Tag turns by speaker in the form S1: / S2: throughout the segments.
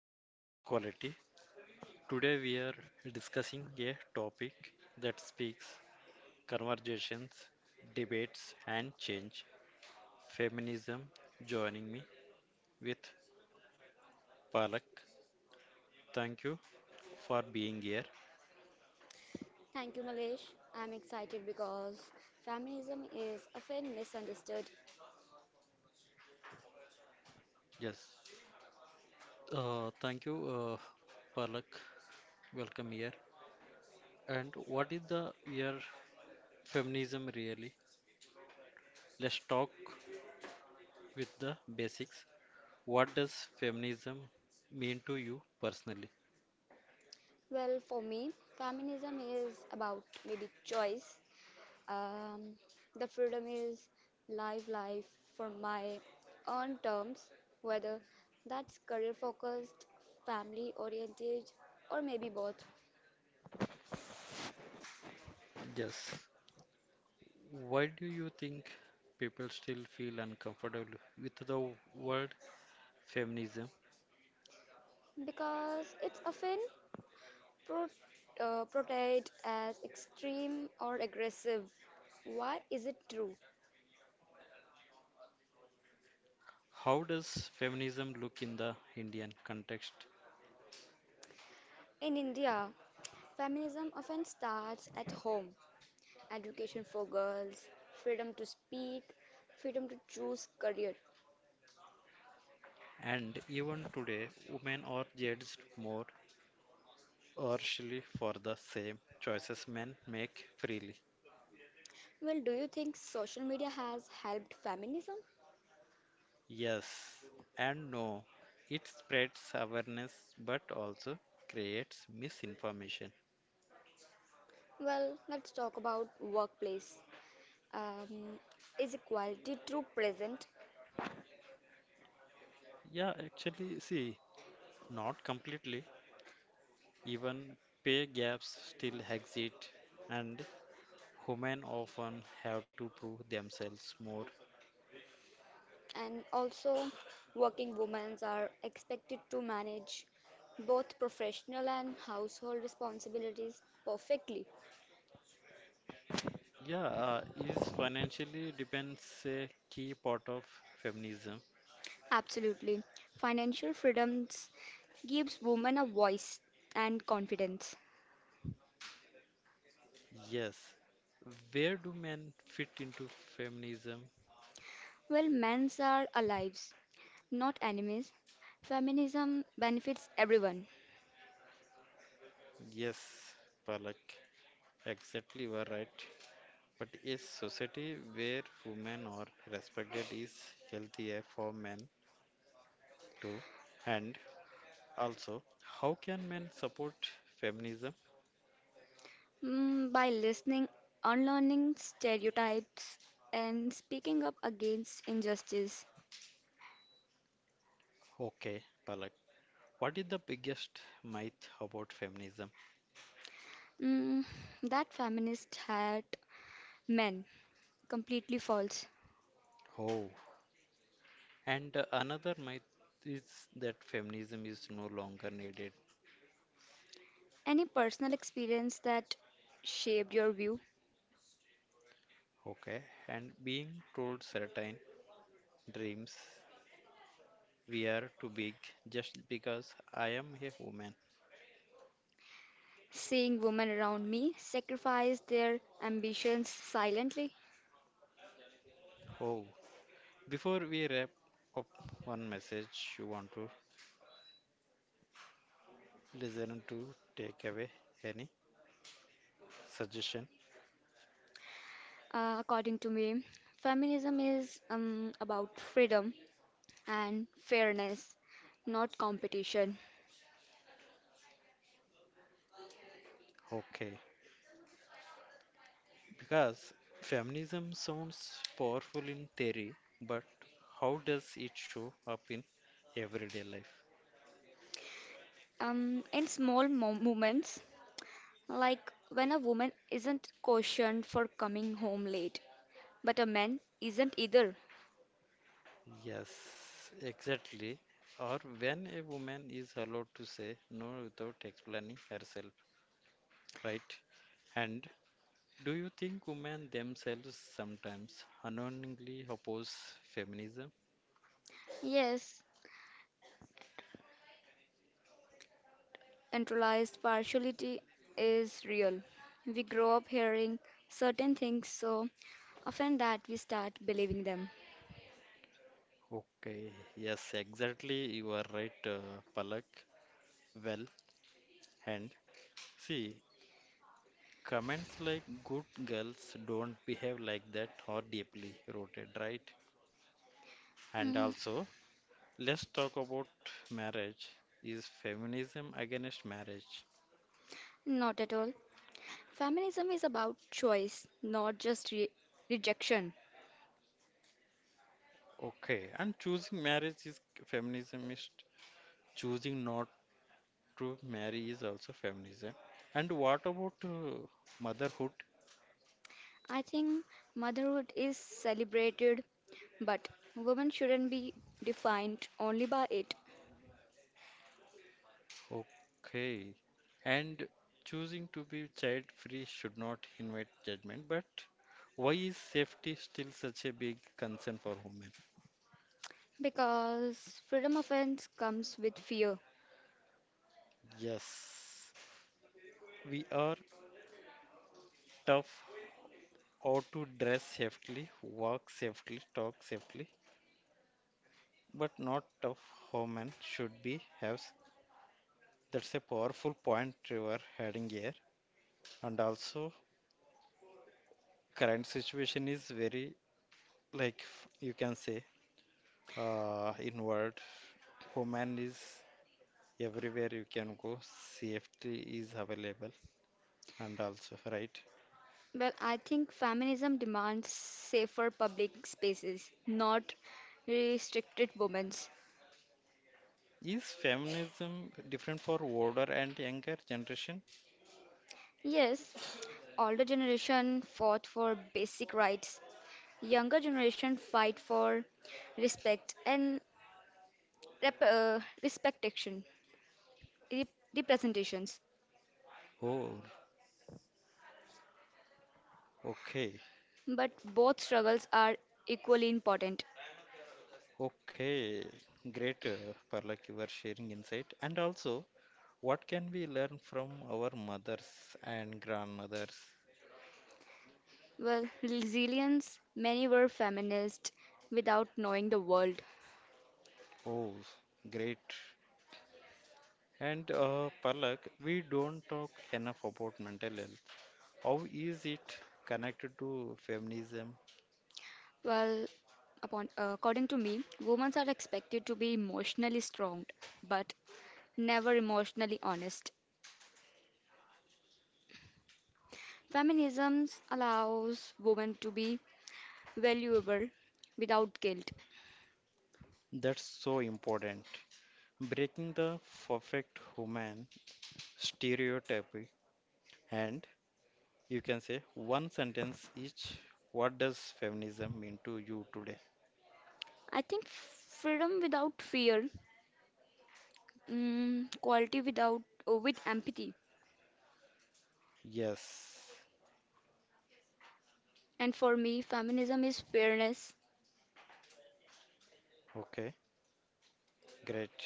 S1: Quali- Equality. Today we are discussing a topic that speaks conversations, debates, and change feminism. Joining me with Palak. Thank you for being here.
S2: Thank you, Malesh. I'm excited because feminism is often misunderstood.
S1: Yes, thank you, Palak. Welcome here. And what is the year feminism really? Let's talk with the basics. What does feminism mean to you personally?
S2: Well, for me, feminism is about maybe choice. Um, the freedom is live life for my own terms, whether that's career focused, family oriented, or maybe both.
S1: Yes. Why do you think people still feel uncomfortable with the word feminism?
S2: Because it's often pro- portrayed as extreme or aggressive. Why is it true?
S1: How does feminism look in the Indian context?
S2: In India, feminism often starts at home education for girls, freedom to speak, freedom to choose career.
S1: And even today, women are judged more harshly for the same choices men make freely.
S2: Well, do you think social media has helped feminism?
S1: Yes and no. It spreads awareness but also creates misinformation.
S2: Well, let's talk about workplace. Um, is equality true present?
S1: Yeah, actually, see, not completely, even pay gaps still exist, and women often have to prove themselves more.
S2: And also, working women are expected to manage both professional and household responsibilities perfectly.
S1: Yeah, is financially depends a key part of feminism?
S2: Absolutely. Financial freedoms gives women a voice and confidence.
S1: Yes. Where do men fit into feminism?
S2: Well, men's are allies, not enemies. Feminism benefits everyone.
S1: Yes, Palak, exactly you are right. But a society where women are respected is healthier for men too, and also, how can men support feminism?
S2: Mm, by listening, unlearning stereotypes, and speaking up against injustice.
S1: Okay, Palak, what is the biggest myth about feminism?
S2: Mm, that feminist hat men completely false.
S1: Oh, and another myth is that feminism is no longer needed.
S2: Any personal experience that shaped your view?
S1: Okay, and being told certain dreams we are too big just because I am a woman.
S2: Seeing women around me sacrifice their ambitions silently.
S1: Oh, before we wrap up, one message you want to listen to take away any suggestion?
S2: According to me, feminism is about freedom and fairness, not competition.
S1: Okay, because feminism sounds powerful in theory, but how does it show up in everyday life?
S2: In small moments, like when a woman isn't cautioned for coming home late, but a man isn't either.
S1: Yes, exactly. Or when a woman is allowed to say no without explaining herself, right? And do you think women themselves sometimes unknowingly oppose feminism?
S2: Yes, internalized partiality is real. We grow up hearing certain things so often that we start believing them.
S1: Okay, yes, exactly. You are right, Palak. Well, and see, comments like good girls don't behave like that are deeply rooted, right? And
S2: Mm,
S1: also, let's talk about marriage. Is feminism against marriage?
S2: not at all. Feminism is about choice, not just rejection.
S1: Okay, and choosing marriage is feminism is choosing not to marry is also feminism. And what about motherhood?
S2: I think motherhood is celebrated, but women shouldn't be defined only by it
S1: Okay. And choosing to be child free should not invite judgment, but why is safety still such a big concern for women?
S2: because freedom often comes with fear.
S1: Yes, we are tough how to dress safely, walk safely, talk safely, but not tough how men should be have. That's a powerful point you are heading here. And also, current situation is very like you can say inward. Woman is everywhere you can go safety is available and also right
S2: Well, I think feminism demands safer public spaces, not restricted women's.
S1: is feminism different for older and younger generation.
S2: Yes, older generation fought for basic rights. Younger generation fight for respect and respectation, rep- representations.
S1: Oh, okay,
S2: But both struggles are equally important.
S1: okay, great, Parlak, you are sharing insight and also what can we learn from our mothers and grandmothers.
S2: Well, resilience, many were feminists without knowing the world.
S1: Oh great, and Parlak, we don't talk enough about mental health. How is it connected to feminism?
S2: Well, upon according to me, women are expected to be emotionally strong, but never emotionally honest. Feminism allows women to be valuable without guilt.
S1: That's so important. Breaking the perfect human stereotype, and you can say one sentence each. What does feminism mean to you today?
S2: I think freedom without fear, mm, quality without with empathy.
S1: Yes.
S2: And for me, feminism is fairness.
S1: Okay, great,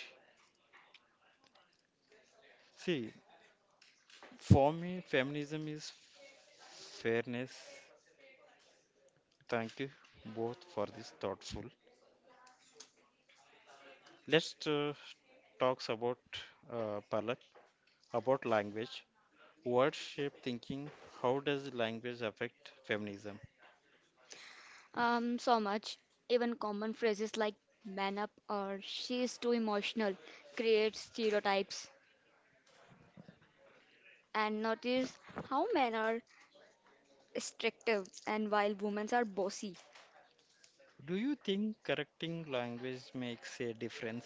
S1: see, for me feminism is fairness. Thank you both for this thoughtful, let's talks about Palak, about language, words shape thinking, how does language affect feminism?
S2: So much. Even common phrases like "man up" or "she is too emotional" creates stereotypes and notice how men are restrictive and while women are bossy.
S1: Do you think correcting language makes a difference?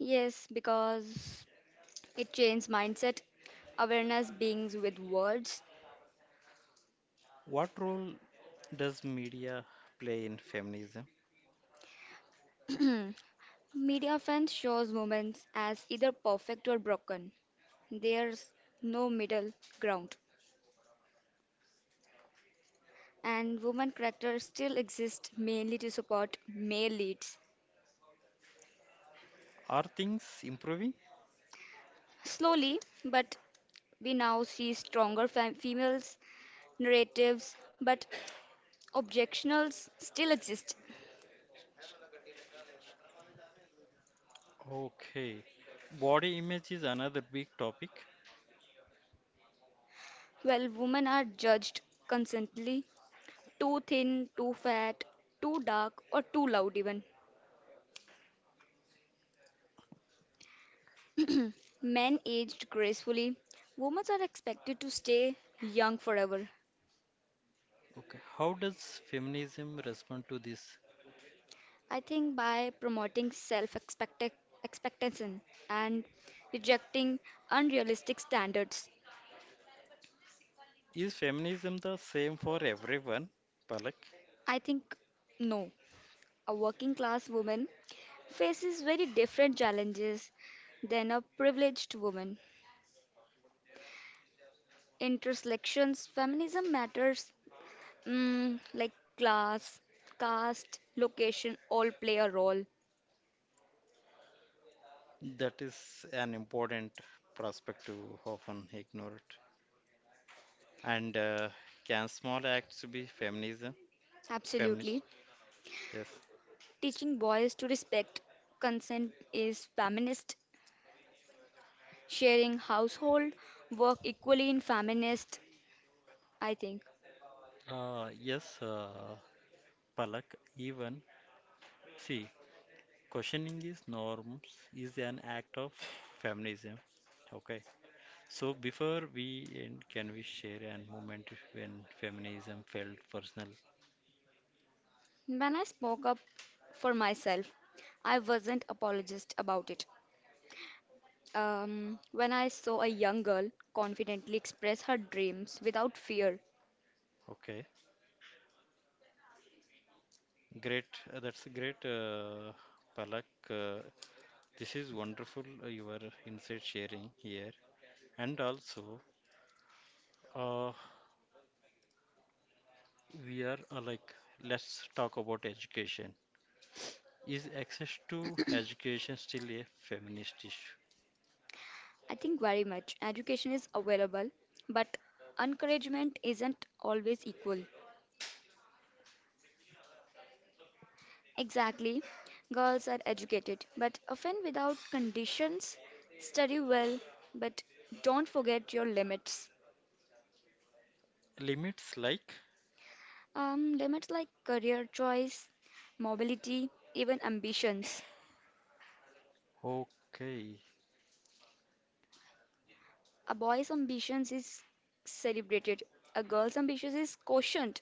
S2: Yes, because it changes mindset, awareness beings with words.
S1: What role does media play in feminism?
S2: Hmm. Media often shows women as either perfect or broken. There's no middle ground. And women characters still exist mainly to support male leads.
S1: Are things improving?
S2: Slowly, but we now see stronger females narratives, but objectionals still exist.
S1: Okay. Body image is another big topic.
S2: Well, women are judged constantly too thin, too fat, too dark, or too loud, even. Men aged gracefully, women are expected to stay young forever.
S1: Okay. How does feminism respond to this?
S2: I think by promoting self expectation and rejecting unrealistic standards,
S1: Is feminism the same for everyone, Palak?
S2: I think no. A working class woman faces very different challenges than a privileged woman. Intersections, feminism matters. Mm, like class, caste, location all play a role.
S1: That is an important perspective often ignored. And can small acts be feminism? Feminist?
S2: Absolutely.
S1: Yes.
S2: Teaching boys to respect consent is feminist. Sharing household work equally in feminist, I think.
S1: Yes. Palak, even see, questioning these norms is an act of feminism. Okay, so before we end, can we share a moment when feminism felt personal?
S2: When I spoke up for myself, I wasn't apologist about it. When I saw a young girl confidently express her dreams without fear,
S1: Okay, great. That's great, Palak. Uh, this is wonderful, your insight sharing here. And also, uh, we are like, let's talk about education. Is access to education still a feminist issue?
S2: I think very much. Education is available, but encouragement isn't always equal. Exactly. Girls are educated, but often without conditions. Study well, but don't forget your limits.
S1: Limits like?
S2: Limits like career choice, mobility, even ambitions.
S1: Okay,
S2: A boy's ambitions is celebrated, a girl's ambitions is cautioned.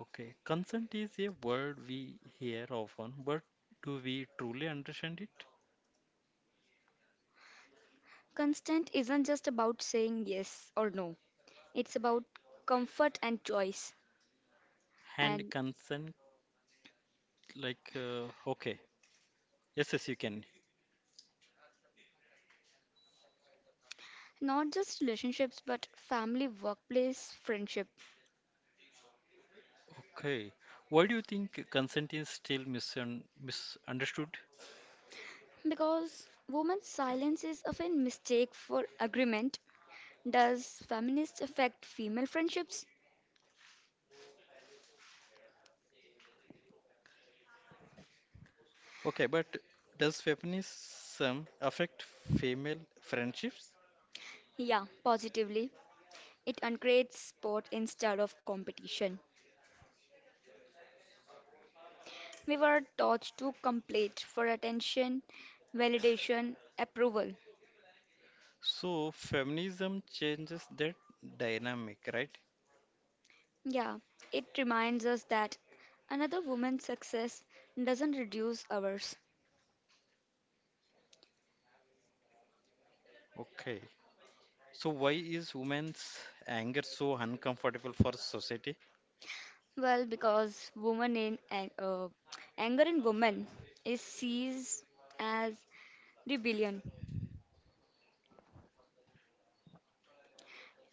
S1: okay. Consent is a word we hear often, but do we truly understand it?
S2: Constant isn't just about saying yes or no, it's about comfort and choice.
S1: And
S2: And
S1: consent, like, okay, yes, yes, you can.
S2: not just relationships, but family, workplace, friendship.
S1: Okay. Why do you think consent is still misunderstood?
S2: Because women's silence is often mistake for agreement. Does feminist affect female friendships?
S1: Okay, but does feminism affect female friendships?
S2: Yeah, positively. It uncreates sport instead of competition. We were taught to compete for attention, validation, approval.
S1: So feminism changes that dynamic, right?
S2: Yeah, it reminds us that another woman's success doesn't reduce ours.
S1: Okay. So why is women's anger so uncomfortable for society?
S2: Well, because anger in women is seized as rebellion.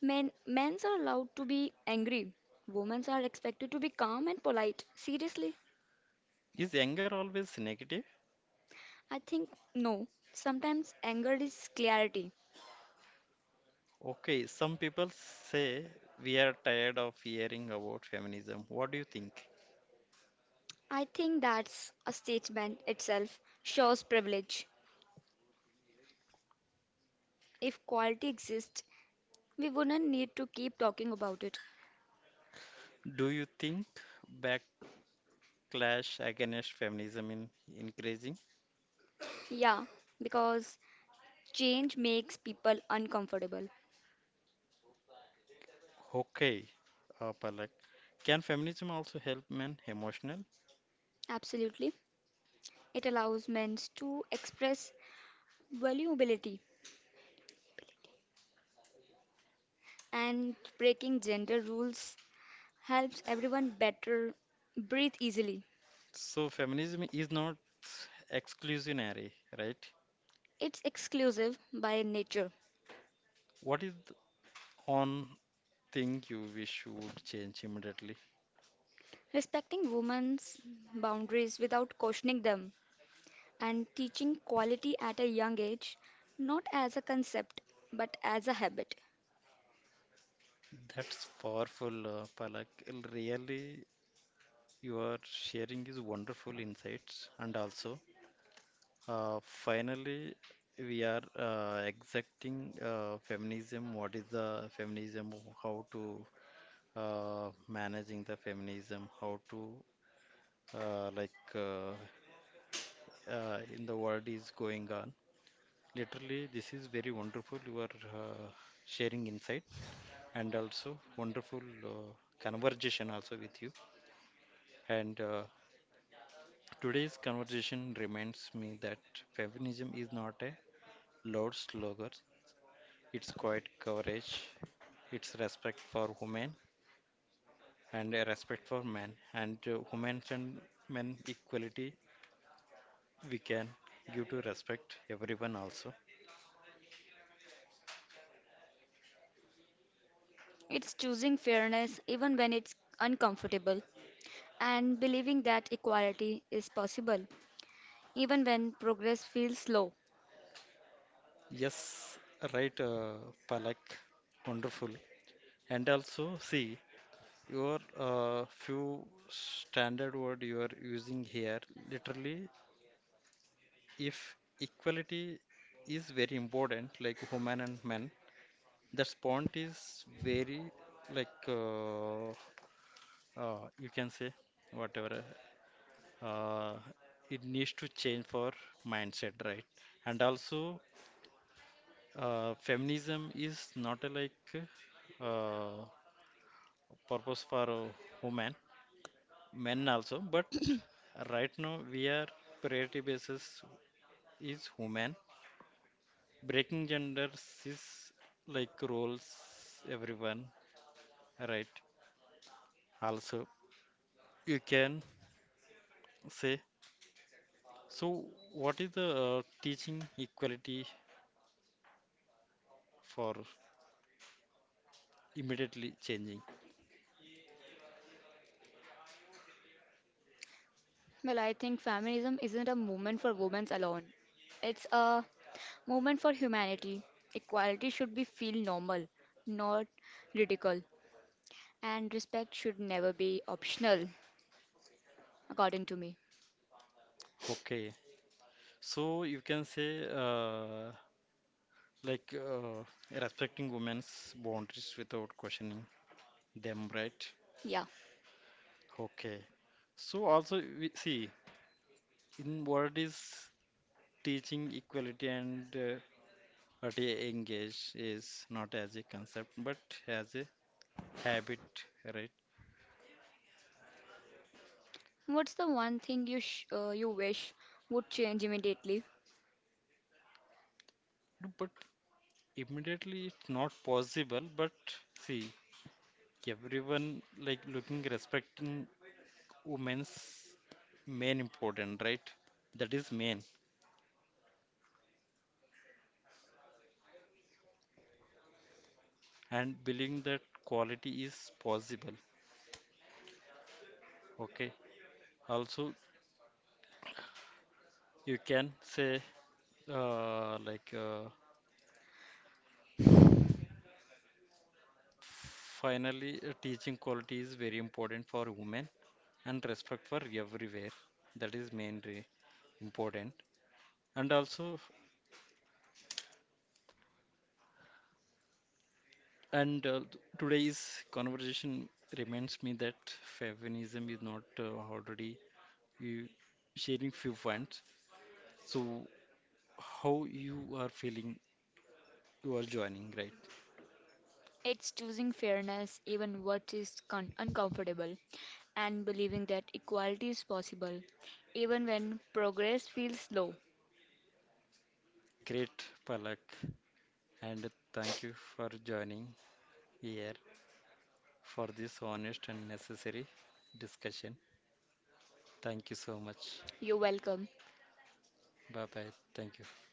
S2: Men's are allowed to be angry. Women are expected to be calm and polite. Seriously,
S1: Is anger always negative?
S2: I think no. Sometimes anger is clarity.
S1: Okay, some people say we are tired of hearing about feminism. What do you think?
S2: I think that's a statement itself shows privilege. If quality exists, we wouldn't need to keep talking about it.
S1: Do you think backlash against feminism in increasing?
S2: Yeah, because change makes people uncomfortable.
S1: Okay, Palak. Can feminism also help men emotional?
S2: Absolutely. It allows men to express vulnerability, and breaking gender rules helps everyone better breathe easily.
S1: So feminism is not exclusionary, right?
S2: It's exclusive by nature.
S1: What is the one thing you wish would change immediately?
S2: Respecting women's boundaries without questioning them and teaching quality at a young age, not as a concept but as a habit.
S1: That's powerful, Palak. Really, you are sharing is wonderful insights, and also, finally, we are exacting feminism. What is the feminism? How to managing the feminism? How to like in the world is going on. Literally, this is very wonderful. You are uh, sharing insight and also wonderful conversation also with you. And today's conversation reminds me that feminism is not a loud slogan, it's quite courage, it's respect for women and a respect for men, and women and men equality we can give to respect everyone also.
S2: It's choosing fairness even when it's uncomfortable and believing that equality is possible even when progress feels slow.
S1: Yes, right, Palak, wonderful. And also, see, your few standard word you are using here literally, if equality is very important like women and men, that point is very like, you can say whatever uh, it needs to change for mindset, right? And also, feminism is not a like uh, purpose for a woman, men also, but right now we are priority basis is women breaking gender cis like roles everyone right, also you can say so what is the teaching equality for immediately changing.
S2: Well, I think feminism isn't a movement for women alone. It's a movement for humanity. Equality should be feel normal, not ridicule, and respect should never be optional according to me.
S1: Okay, so you can say uh, like uh, respecting women's boundaries without questioning them, right?
S2: Yeah.
S1: Okay, so also we see in what is teaching equality, and what you engage is not as a concept but as a habit, right?
S2: What's the one thing you you wish would change immediately?
S1: But immediately it's not possible. But see, everyone like looking respecting women's main important, right? That is main, and believing that quality is possible. Okay. Also, you can say uh, like uh, finally, teaching quality is very important for women and respect for everywhere, that is mainly important, and also, and today's conversation reminds me that feminism is not already you sharing few points, so how you are feeling, you are joining, right?
S2: It's choosing fairness, even what is uncomfortable, and believing that equality is possible, even when progress feels slow.
S1: Great, Palak, and thank you for joining here for this honest and necessary discussion. Thank you so much.
S2: You're welcome.
S1: Bye bye, thank you.